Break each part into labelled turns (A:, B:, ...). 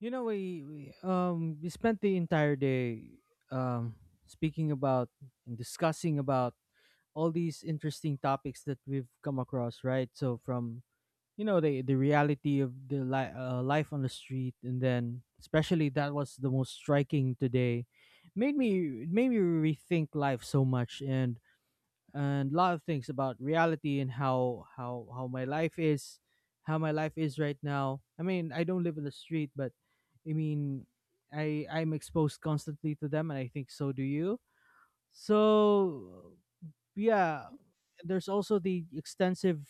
A: We spent the entire day um speaking about and discussing about all these interesting topics that we've come across, right? So from the reality of the life on the street, and then especially that was the most striking today, made me it made me rethink life so much, and a lot of things about reality and how my life is right now. I mean, I don't live in the street, but I mean I'm exposed constantly to them, and I think so do you. So yeah, there's also the extensive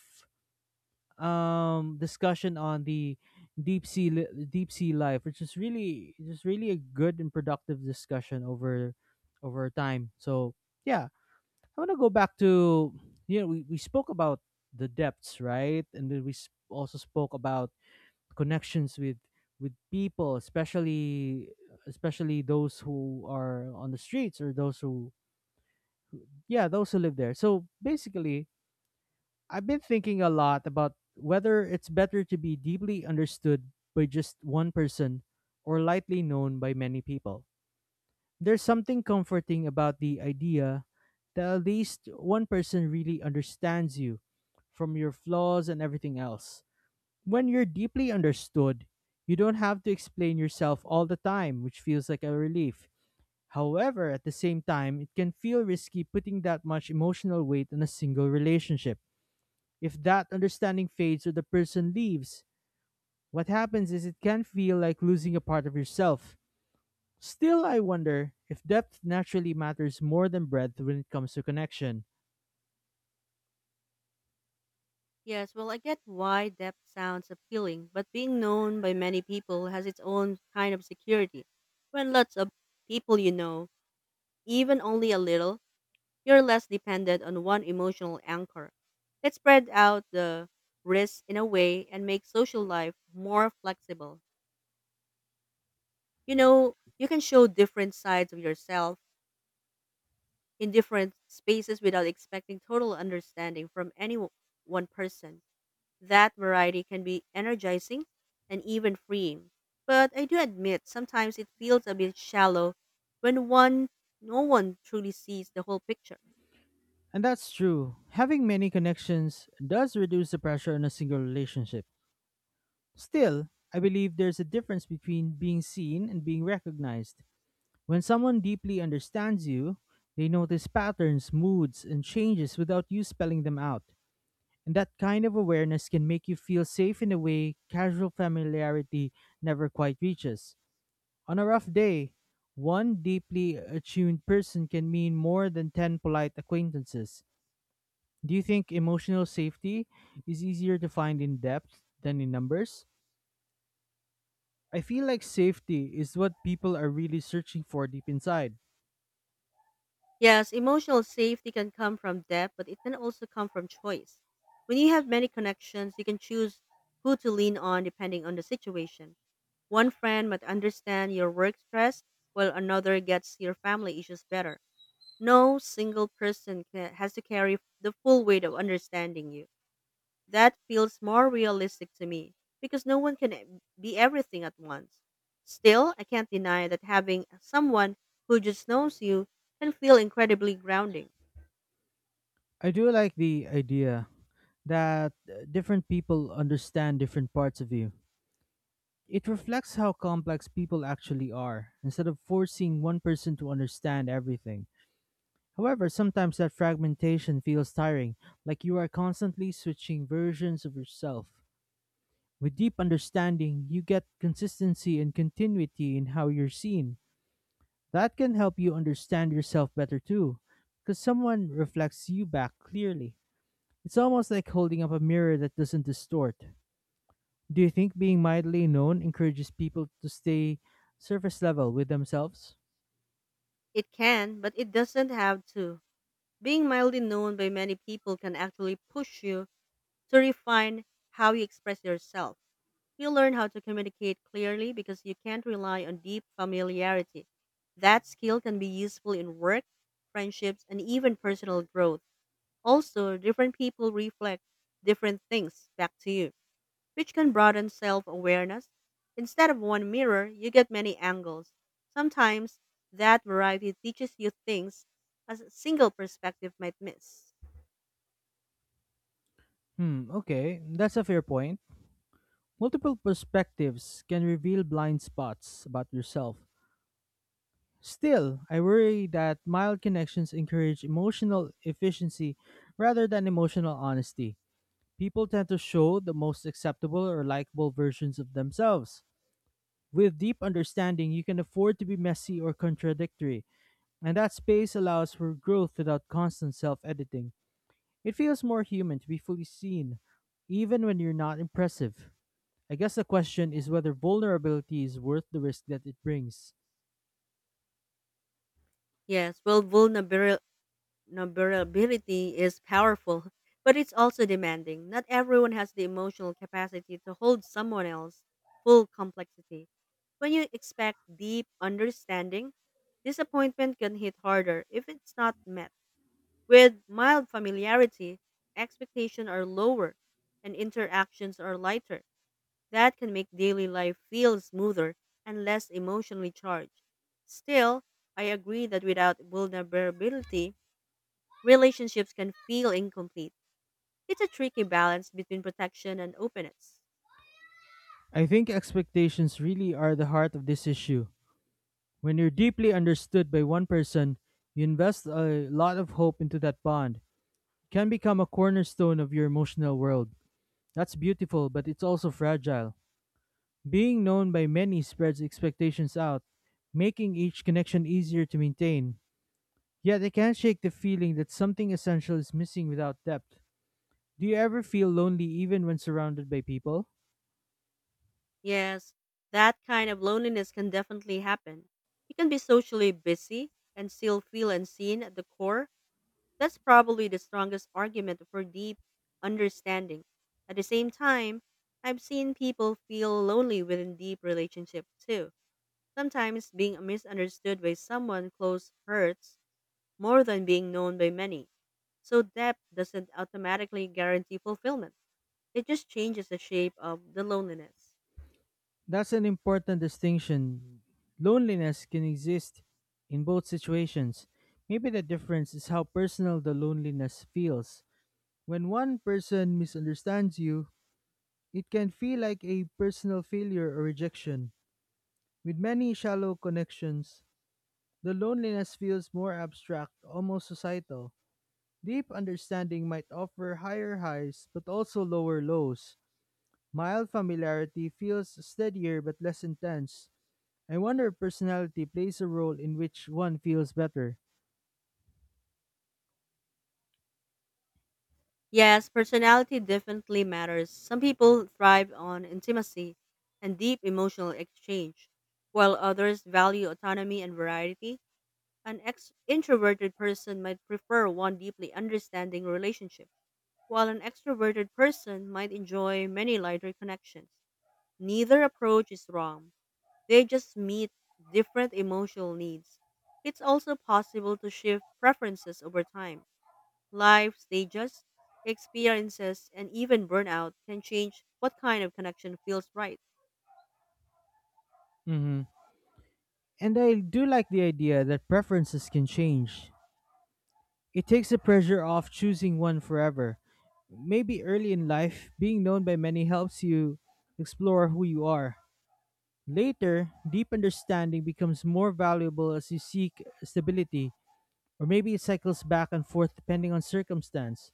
A: discussion on the deep sea life, which is really just really a good and productive discussion over time. So yeah, I want to go back to. We spoke about the depths, right? And then also spoke about connections with people, especially those who are on the streets, or those who yeah, those who live there. So basically, I've been thinking a lot about whether it's better to be deeply understood by just one person, or lightly known by many people. There's something comforting about the idea that at least one person really understands you, from your flaws and everything else. When you're deeply understood, you don't have to explain yourself all the time, which feels like a relief. However, at the same time, it can feel risky putting that much emotional weight on a single relationship. If that understanding fades or the person leaves, what happens is it can feel like losing a part of yourself. Still, I wonder if depth naturally matters more than breadth when it comes to connection.
B: Yes, well, I get why depth sounds appealing, but being known by many people has its own kind of security. When lots of people you know, even only a little, you're less dependent on one emotional anchor. It spread out the risks in a way and makes social life more flexible. You can show different sides of yourself in different spaces without expecting total understanding from any one person. That variety can be energizing and even freeing. But I do admit sometimes it feels a bit shallow when one no one truly sees the whole picture.
A: And that's true. Having many connections does reduce the pressure on a single relationship. Still, I believe there's a difference between being seen and being recognized. When someone deeply understands you, they notice patterns, moods, and changes without you spelling them out. And that kind of awareness can make you feel safe in a way casual familiarity never quite reaches. On a rough day, one deeply attuned person can mean more than 10 polite acquaintances. Do you think emotional safety is easier to find in depth than in numbers? I feel like safety is what people are really searching for deep inside.
B: Yes, emotional safety can come from depth, but it can also come from choice. When you have many connections, you can choose who to lean on depending on the situation. One friend might understand your work stress, while another gets your family issues better. No single person has to carry the full weight of understanding you. That feels more realistic to me because no one can be everything at once. Still, I can't deny that having someone who just knows you can feel incredibly grounding.
A: I do like the idea that different people understand different parts of you. It reflects how complex people actually are, instead of forcing one person to understand everything. However, sometimes that fragmentation feels tiring, like you are constantly switching versions of yourself. With deep understanding, you get consistency and continuity in how you're seen. That can help you understand yourself better too, because someone reflects you back clearly. It's almost like holding up a mirror that doesn't distort. Do you think being mildly known encourages people to stay surface level with themselves?
B: It can, but it doesn't have to. Being mildly known by many people can actually push you to refine how you express yourself. You learn how to communicate clearly because you can't rely on deep familiarity. That skill can be useful in work, friendships, and even personal growth. Also, different people reflect different things back to you, which can broaden self awareness. Instead of one mirror, you get many angles. Sometimes that variety teaches you things a single perspective might miss.
A: Hmm, okay, that's a fair point. Multiple perspectives can reveal blind spots about yourself. Still, I worry that mild connections encourage emotional efficiency rather than emotional honesty. People tend to show the most acceptable or likable versions of themselves. With deep understanding, you can afford to be messy or contradictory, and that space allows for growth without constant self editing. It feels more human to be fully seen, even when you're not impressive. I guess the question is whether vulnerability is worth the risk that it brings.
B: Yes, well, Vulnerability is powerful, but it's also demanding. Not everyone has the emotional capacity to hold someone else's full complexity. When you expect deep understanding, disappointment can hit harder if it's not met. With mild familiarity, expectations are lower and interactions are lighter. That can make daily life feel smoother and less emotionally charged. Still, I agree that without vulnerability, relationships can feel incomplete. It's a tricky balance between protection and openness.
A: I think expectations really are the heart of this issue. When you're deeply understood by one person, you invest a lot of hope into that bond. It can become a cornerstone of your emotional world. That's beautiful, but it's also fragile. Being known by many spreads expectations out, making each connection easier to maintain. Yet I can't shake the feeling that something essential is missing without depth. Do you ever feel lonely even when surrounded by people?
B: Yes, that kind of loneliness can definitely happen. You can be socially busy and still feel unseen at the core. That's probably the strongest argument for deep understanding. At the same time, I've seen people feel lonely within deep relationships too. Sometimes being misunderstood by someone close hurts more than being known by many. So depth doesn't automatically guarantee fulfillment. It just changes the shape of the loneliness.
A: That's an important distinction. Loneliness can exist in both situations. Maybe the difference is how personal the loneliness feels. When one person misunderstands you, it can feel like a personal failure or rejection. With many shallow connections, the loneliness feels more abstract, almost societal. Deep understanding might offer higher highs but also lower lows. Mild familiarity feels steadier but less intense. I wonder if personality plays a role in which one feels better.
B: Yes, personality definitely matters. Some people thrive on intimacy and deep emotional exchange, while others value autonomy and variety. An introverted person might prefer one deeply understanding relationship, while an extroverted person might enjoy many lighter connections. Neither approach is wrong. They just meet different emotional needs. It's also possible to shift preferences over time. Life stages, experiences, and even burnout can change what kind of connection feels right.
A: Mm-hmm. And I do like the idea that preferences can change. It takes the pressure off choosing one forever. Maybe early in life, being known by many helps you explore who you are. Later, deep understanding becomes more valuable as you seek stability, or maybe it cycles back and forth depending on circumstance.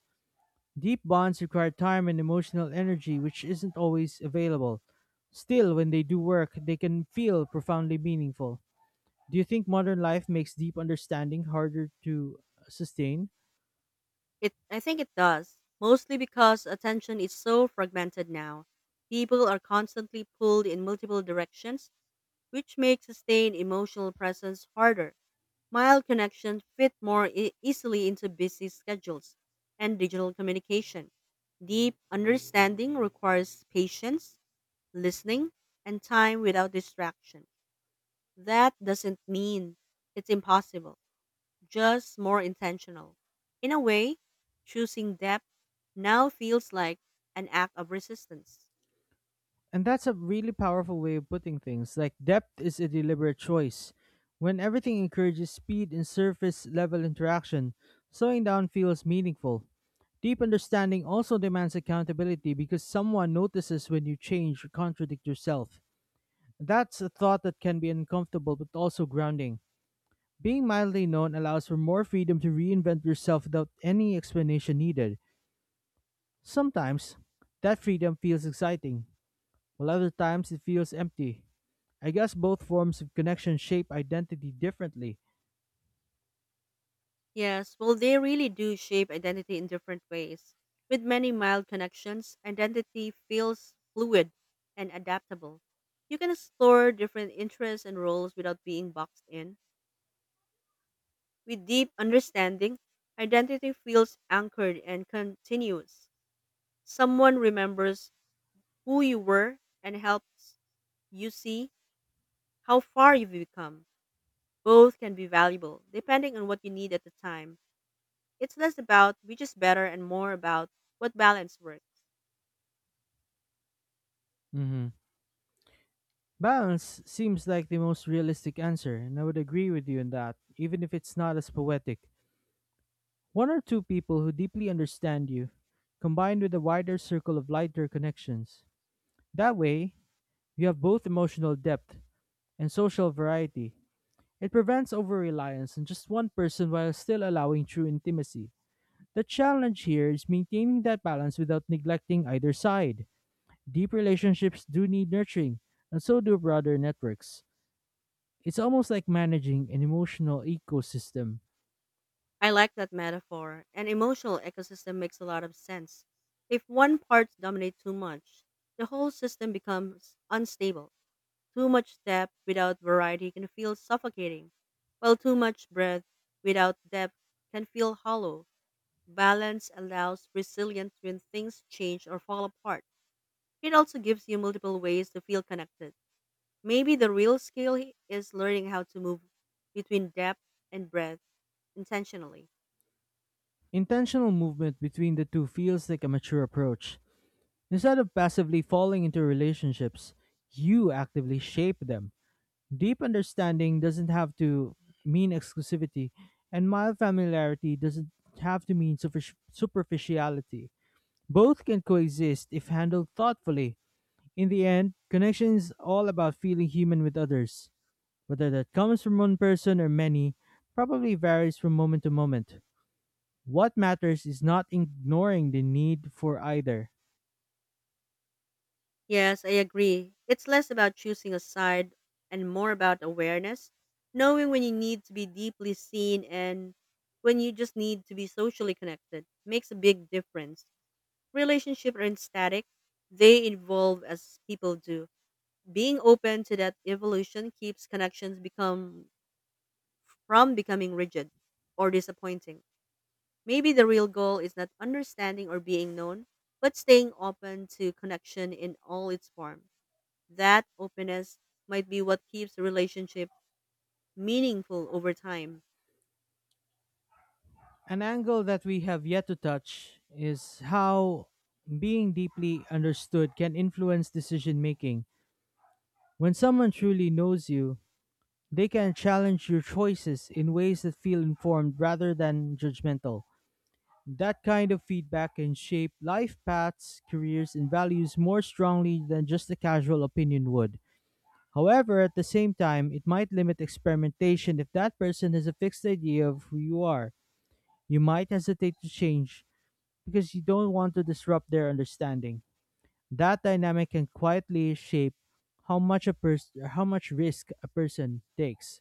A: Deep bonds require time and emotional energy, which isn't always available. Still, when they do work, they can feel profoundly meaningful. Do you think modern life makes deep understanding harder to sustain?
B: It I think it does, mostly because attention is so fragmented now. People are constantly pulled in multiple directions, which makes sustained emotional presence harder. Mild connections fit more easily into busy schedules and digital communication. Deep understanding requires patience, listening, and time without distraction. That doesn't mean it's impossible, just more intentional. In a way, choosing depth now feels like an act of resistance.
A: And that's a really powerful way of putting things. Like, depth is a deliberate choice. When everything encourages speed and surface level interaction, slowing down feels meaningful. Deep understanding also demands accountability because someone notices when you change or contradict yourself. That's a thought that can be uncomfortable but also grounding. Being mildly known allows for more freedom to reinvent yourself without any explanation needed. Sometimes, that freedom feels exciting, while other times it feels empty. I guess both forms of connection shape identity differently.
B: Yes, well, they really do shape identity in different ways. With many mild connections, identity feels fluid and adaptable. You can explore different interests and roles without being boxed in. With deep understanding, identity feels anchored and continuous. Someone remembers who you were and helps you see how far you've become. Both can be valuable, depending on what you need at the time. It's less about which is better and more about what balance works.
A: Hmm. Balance seems like the most realistic answer, and I would agree with you in that, even if it's not as poetic. One or two people who deeply understand you, combined with a wider circle of lighter connections. That way, you have both emotional depth and social variety. It prevents over reliance on just one person while still allowing true intimacy. The challenge here is maintaining that balance without neglecting either side. Deep relationships do need nurturing, and so do broader networks. It's almost like managing an emotional ecosystem.
B: I like that metaphor. An emotional ecosystem makes a lot of sense. If one part dominates too much, the whole system becomes unstable. Too much depth without variety can feel suffocating, while too much breadth without depth can feel hollow. Balance allows resilience when things change or fall apart. It also gives you multiple ways to feel connected. Maybe the real skill is learning how to move between depth and breadth intentionally.
A: Intentional movement between the two feels like a mature approach. Instead of passively falling into relationships, you actively shape them. Deep understanding doesn't have to mean exclusivity, and mild familiarity doesn't have to mean superficiality. Both can coexist if handled thoughtfully. In the end, connection is all about feeling human with others. Whether that comes from one person or many probably varies from moment to moment. What matters is not ignoring the need for either.
B: Yes, I agree. It's less about choosing a side and more about awareness, knowing when you need to be deeply seen and when you just need to be socially connected makes a big difference. Relationships aren't static, they evolve as people do. Being open to that evolution keeps connections become from becoming rigid or disappointing. Maybe the real goal is not understanding or being known, but staying open to connection in all its form. That openness might be what keeps a relationship meaningful over time.
A: An angle that we have yet to touch is how being deeply understood can influence decision making. When someone truly knows you, they can challenge your choices in ways that feel informed rather than judgmental. That kind of feedback can shape life paths, careers, and values more strongly than just a casual opinion would. However, at the same time, it might limit experimentation if that person has a fixed idea of who you are. You might hesitate to change because you don't want to disrupt their understanding. That dynamic can quietly shape how much risk a person takes.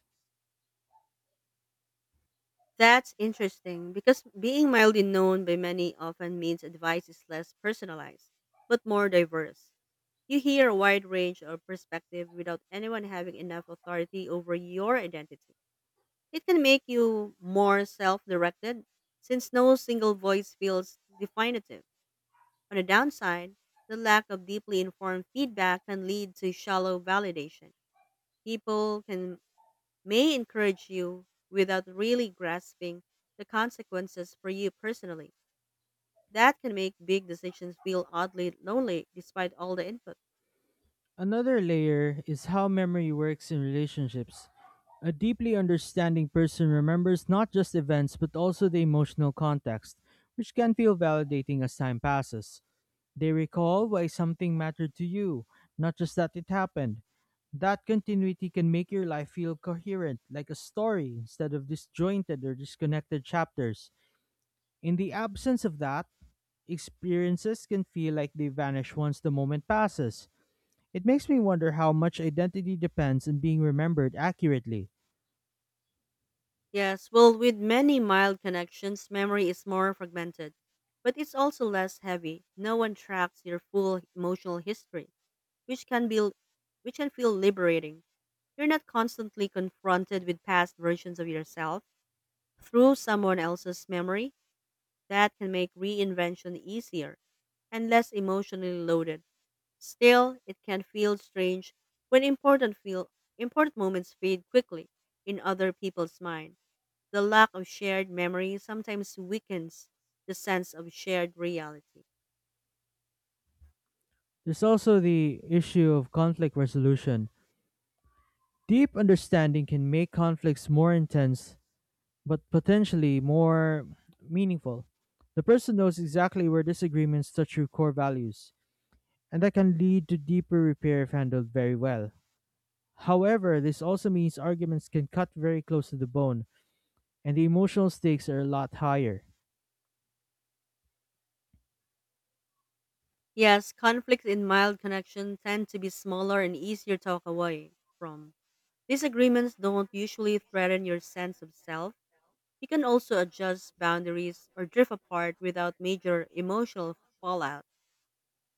B: That's interesting because being mildly known by many often means advice is less personalized, but more diverse. You hear a wide range of perspective without anyone having enough authority over your identity. It can make you more self directed since no single voice feels definitive. On the downside, the lack of deeply informed feedback can lead to shallow validation. People can may encourage you without really grasping the consequences for you personally. That can make big decisions feel oddly lonely despite all the input.
A: Another layer is how memory works in relationships. A deeply understanding person remembers not just events but also the emotional context, which can feel validating as time passes. They recall why something mattered to you, not just that it happened. That continuity can make your life feel coherent, like a story, instead of disjointed or disconnected chapters. In the absence of that, experiences can feel like they vanish once the moment passes. It makes me wonder how much identity depends on being remembered accurately.
B: Yes, well, with many mild connections, memory is more fragmented, but it's also less heavy. No one tracks your full emotional history, which can be which can feel liberating. You're not constantly confronted with past versions of yourself through someone else's memory. That can make reinvention easier and less emotionally loaded. Still, it can feel strange when important moments fade quickly in other people's mind. The lack of shared memory sometimes weakens the sense of shared reality.
A: There's also the issue of conflict resolution. Deep understanding can make conflicts more intense, but potentially more meaningful. The person knows exactly where disagreements touch your core values, and that can lead to deeper repair if handled very well. However, this also means arguments can cut very close to the bone, and the emotional stakes are a lot higher.
B: Yes, conflicts in mild connection tend to be smaller and easier to walk away from. Disagreements don't usually threaten your sense of self. You can also adjust boundaries or drift apart without major emotional fallout.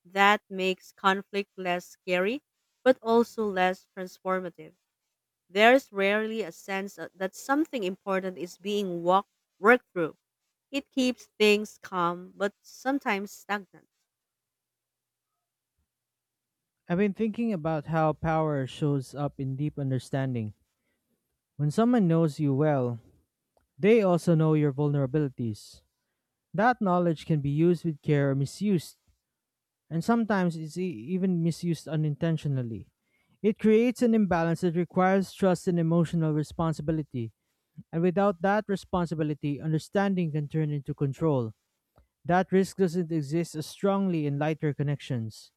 B: That makes conflict less scary, but also less transformative. There's rarely a sense of- that something important is being worked through. It keeps things calm, but sometimes stagnant.
A: I've been thinking about how power shows up in deep understanding. When someone knows you well, they also know your vulnerabilities. That knowledge can be used with care or misused, and sometimes it's even misused unintentionally. It creates an imbalance that requires trust and emotional responsibility, and without that responsibility, understanding can turn into control. That risk doesn't exist as strongly in lighter connections.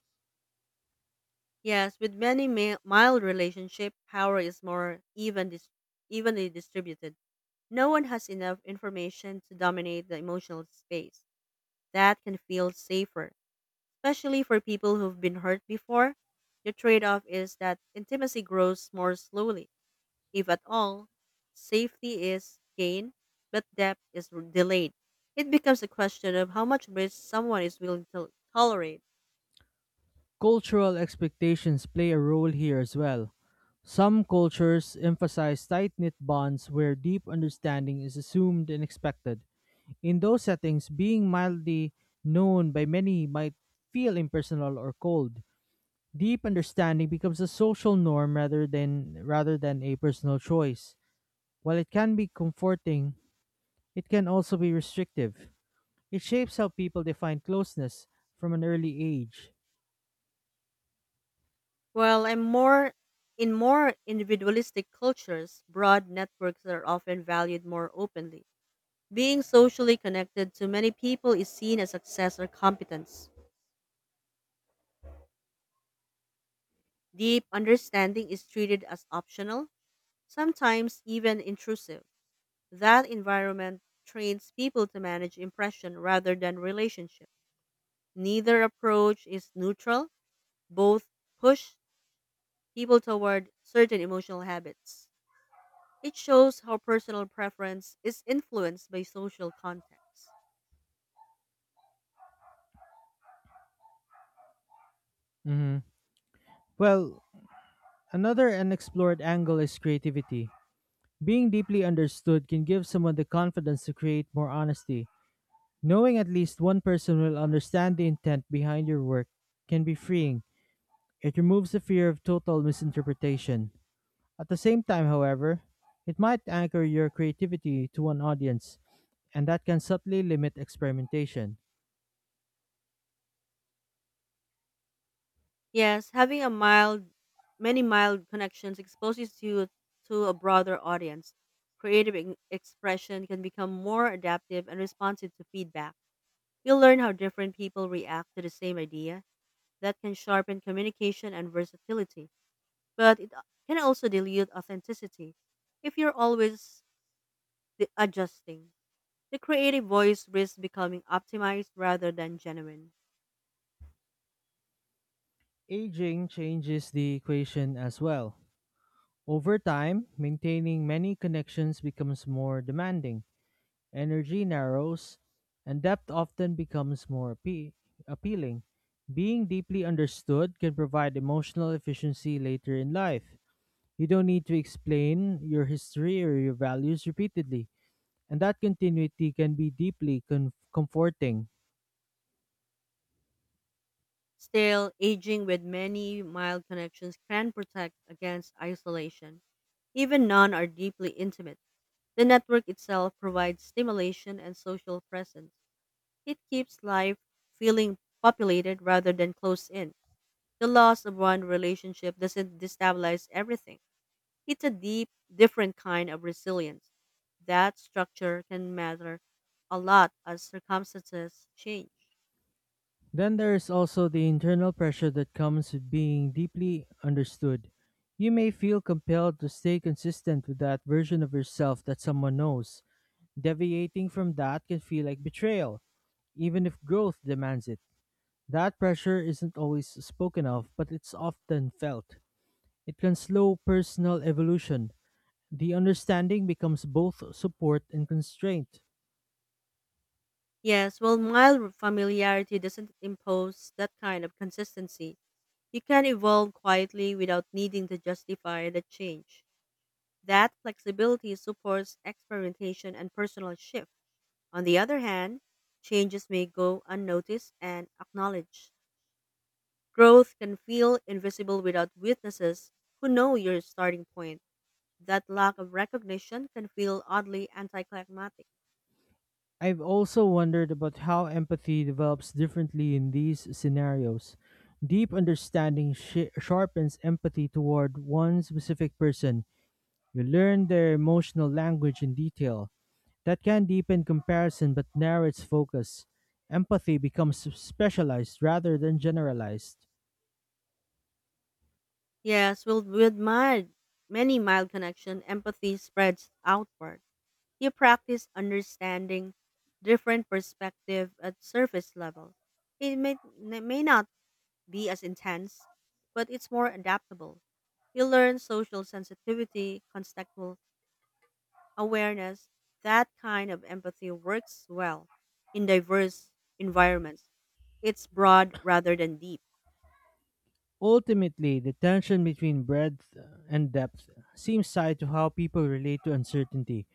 B: Yes, with many mild relationship, power is more evenly distributed. No one has enough information to dominate the emotional space. That can feel safer, especially for people who've been hurt before. The trade off is that intimacy grows more slowly. If at all, safety is gained, but depth is delayed. It becomes a question of how much risk someone is willing to tolerate.
A: Cultural expectations play a role here as well. Some cultures emphasize tight knit bonds where deep understanding is assumed and expected. In those settings, being mildly known by many might feel impersonal or cold. Deep understanding becomes a social norm rather than a personal choice. While it can be comforting, it can also be restrictive. It shapes how people define closeness from an early age.
B: While I'm more in more individualistic cultures, broad networks are often valued more openly. Being socially connected to many people is seen as success or competence. Deep understanding is treated as optional, sometimes even intrusive. That environment trains people to manage impression rather than relationship. Neither approach is neutral, both push people toward certain emotional habits. It shows how personal preference is influenced by social context.
A: Mhm. Well, another unexplored angle is creativity. Being deeply understood can give someone the confidence to create more honesty. Knowing at least one person will understand the intent behind your work can be freeing. It removes the fear of total misinterpretation. At the same time, however, it might anchor your creativity to one audience, and that can subtly limit experimentation.
B: Yes, having a mild many mild connections exposes you to a broader audience. Creative expression can become more adaptive and responsive to feedback. You'll learn how different people react to the same idea. That can sharpen communication and versatility. But it can also dilute authenticity. If you're always the adjusting, the creative voice risks becoming optimized rather than genuine.
A: Aging changes the equation as well. Over time, maintaining many connections becomes more demanding. Energy narrows, and depth often becomes more appealing. Being deeply understood can provide emotional efficiency later in life. You don't need to explain your history or your values repeatedly, and that continuity can be deeply comforting.
B: Still, aging with many mild connections can protect against isolation. Even none are deeply intimate. The network itself provides stimulation and social presence. It keeps life feeling populated rather than closed in. The loss of one relationship doesn't destabilize everything. It's a deep, different kind of resilience. That structure can matter a lot as circumstances change.
A: Then there is also the internal pressure that comes with being deeply understood. You may feel compelled to stay consistent with that version of yourself that someone knows. Deviating from that can feel like betrayal, even if growth demands it. That pressure isn't always spoken of, but it's often felt. It can slow personal evolution. The understanding becomes both support and constraint.
B: Yes, well, mild familiarity doesn't impose that kind of consistency. You can evolve quietly without needing to justify the change. That flexibility supports experimentation and personal shift. On the other hand, changes may go unnoticed and acknowledged. Growth can feel invisible without witnesses who know your starting point. That lack of recognition can feel oddly anticlimactic.
A: I've also wondered about how empathy develops differently in these scenarios. Deep understanding shi sharpens empathy toward one specific person. You learn their emotional language in detail. That can deepen comparison but narrows focus. Empathy becomes specialized rather than generalized.
B: Yes, with many mild connection, empathy spreads outward. You practice understanding different perspective at surface level. It may, it may not be as intense, but it's more adaptable. You learn social sensitivity, contextual awareness. That kind of empathy works well in diverse environments. It's broad rather than deep.
A: Ultimately, the tension between breadth and depth seems tied to how people relate to uncertainty.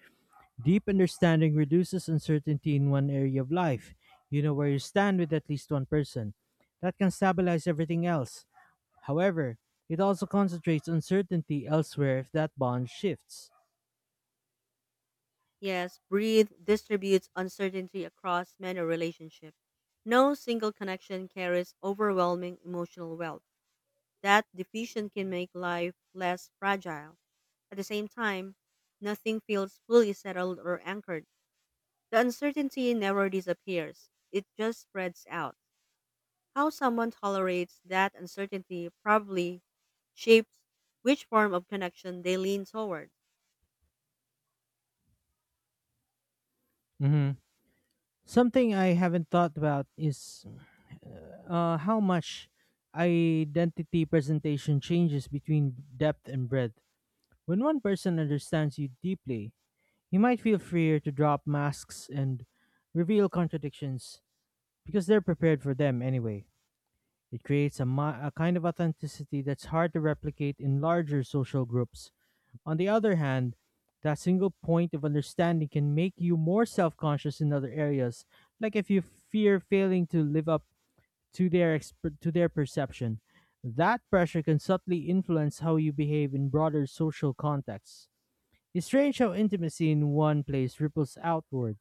A: Deep understanding reduces uncertainty in one area of life. You know where you stand with at least one person. That can stabilize everything else. However, it also concentrates uncertainty elsewhere if that bond shifts.
B: Yes, breathe distributes uncertainty across many relationships. No single connection carries overwhelming emotional wealth. That diffusion can make life less fragile. At the same time, nothing feels fully settled or anchored. The uncertainty never disappears, it just spreads out. How someone tolerates that uncertainty probably shapes which form of connection they lean toward.
A: Mhm. Something I haven't thought about is how much identity presentation changes between depth and breadth. When one person understands you deeply, you might feel freer to drop masks and reveal contradictions because they're prepared for them anyway. It creates a kind of authenticity that's hard to replicate in larger social groups. On the other hand, that single point of understanding can make you more self conscious in other areas, like if you fear failing to live up to to their perception. That pressure can subtly influence how you behave in broader social contexts. It's strange how intimacy in one place ripples outward.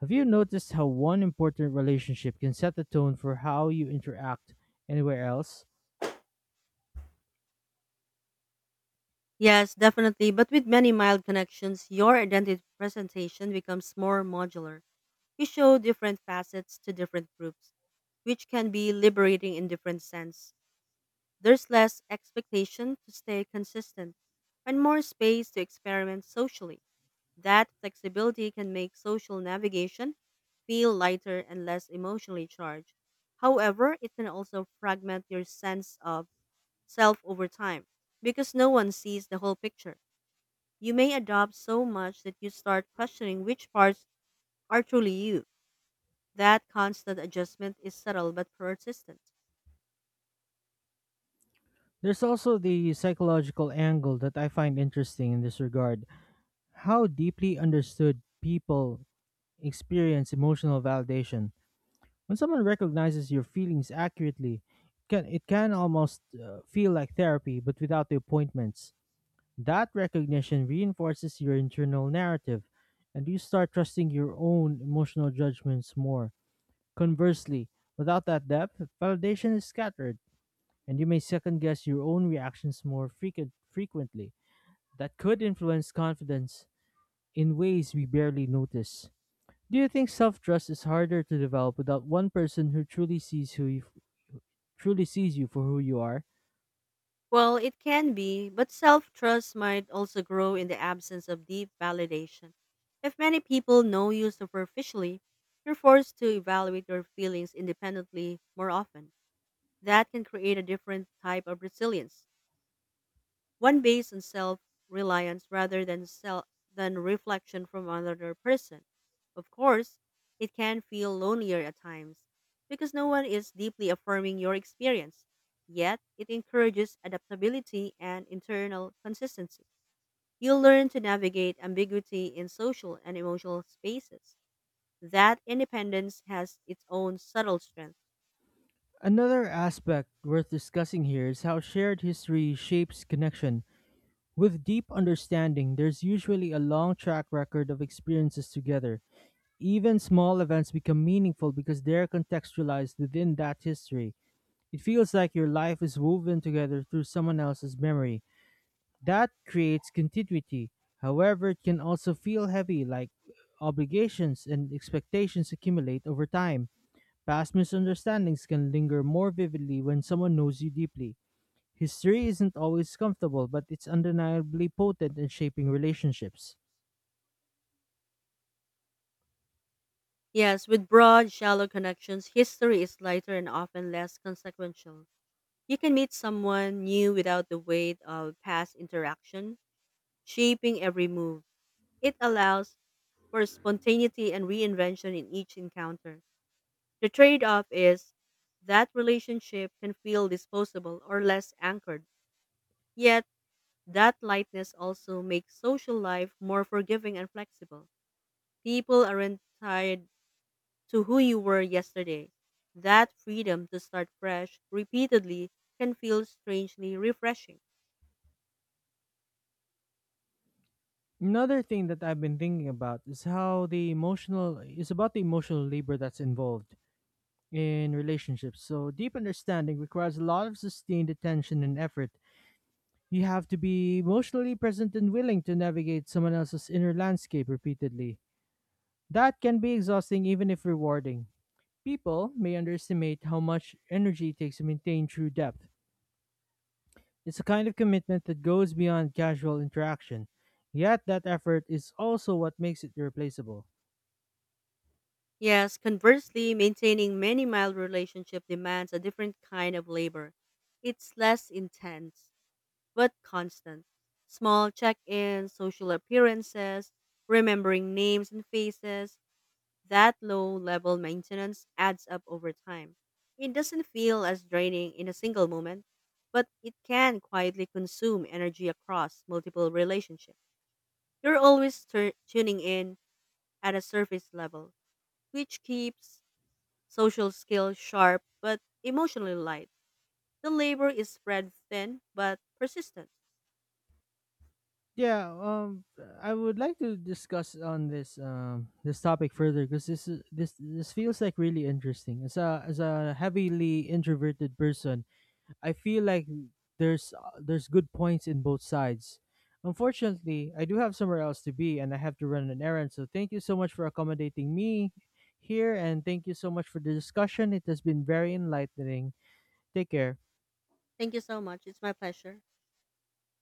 A: Have you noticed how one important relationship can set the tone for how you interact anywhere else?
B: Yes, definitely. But with many mild connections, your identity presentation becomes more modular. You show different facets to different groups, which can be liberating in different sense. There's less expectation to stay consistent and more space to experiment socially. That flexibility can make social navigation feel lighter and less emotionally charged. However, it can also fragment your sense of self over time because no one sees the whole picture. You may adopt so much that you start questioning which parts are truly you. That constant adjustment is subtle but persistent.
A: There's also the psychological angle that I find interesting in this regard, how deeply understood people experience emotional validation. When someone recognizes your feelings accurately, it can almost feel like therapy, but without the appointments. That recognition reinforces your internal narrative, and you start trusting your own emotional judgments more. Conversely, without that depth, validation is scattered and you may second guess your own reactions more frequently. That could influence confidence in ways we barely notice. Do you think self-trust is harder to develop without one person who truly sees you for who you are?
B: Well, it can be, but self trust might also grow in the absence of deep validation. If many people know you superficially, you're forced to evaluate your feelings independently more often. That can create a different type of resilience, one based on self-reliance rather than self than reflection from another person. Of course, it can feel lonelier at times because no one is deeply affirming your experience. Yet, it encourages adaptability and internal consistency. You'll learn to navigate ambiguity in social and emotional spaces. That independence has its own subtle strength.
A: Another aspect worth discussing here is how shared history shapes connection. With deep understanding, there's usually a long track record of experiences together. Even small events become meaningful because they're contextualized within that history. It feels like your life is woven together through someone else's memory. That creates continuity. However, it can also feel heavy, like obligations and expectations accumulate over time. Past misunderstandings can linger more vividly when someone knows you deeply. History isn't always comfortable, but it's undeniably potent in shaping relationships.
B: Yes, with broad, shallow connections, history is lighter and often less consequential. You can meet someone new without the weight of past interaction, shaping every move. It allows for spontaneity and reinvention in each encounter. The trade off is that relationship can feel disposable or less anchored, yet, that lightness also makes social life more forgiving and flexible. People aren't tied to who you were yesterday. That freedom to start fresh repeatedly can feel strangely refreshing.
A: Another thing that I've been thinking about is how the emotional is about the emotional labor that's involved in relationships. So deep understanding requires a lot of sustained attention and effort. You have to be emotionally present and willing to navigate someone else's inner landscape repeatedly. That can be exhausting even if rewarding. People may underestimate how much energy it takes to maintain true depth. It's a kind of commitment that goes beyond casual interaction. Yet that effort is also what makes it irreplaceable.
B: Yes, conversely, maintaining many mild relationship demands a different kind of labor. It's less intense, but constant. Small check-ins, social appearances, remembering names and faces, that low-level maintenance adds up over time. It doesn't feel as draining in a single moment, but it can quietly consume energy across multiple relationships. You're always tuning in at a surface level, which keeps social skills sharp but emotionally light. The labor is spread thin but persistent.
A: Yeah, I would like to discuss on this this topic further because this this feels like really interesting. As a heavily introverted person, I feel like there's good points in both sides. Unfortunately, I do have somewhere else to be and I have to run an errand. So thank you so much for accommodating me here, and thank you so much for the discussion. It has been very enlightening. Take care.
B: Thank you so much. It's my pleasure.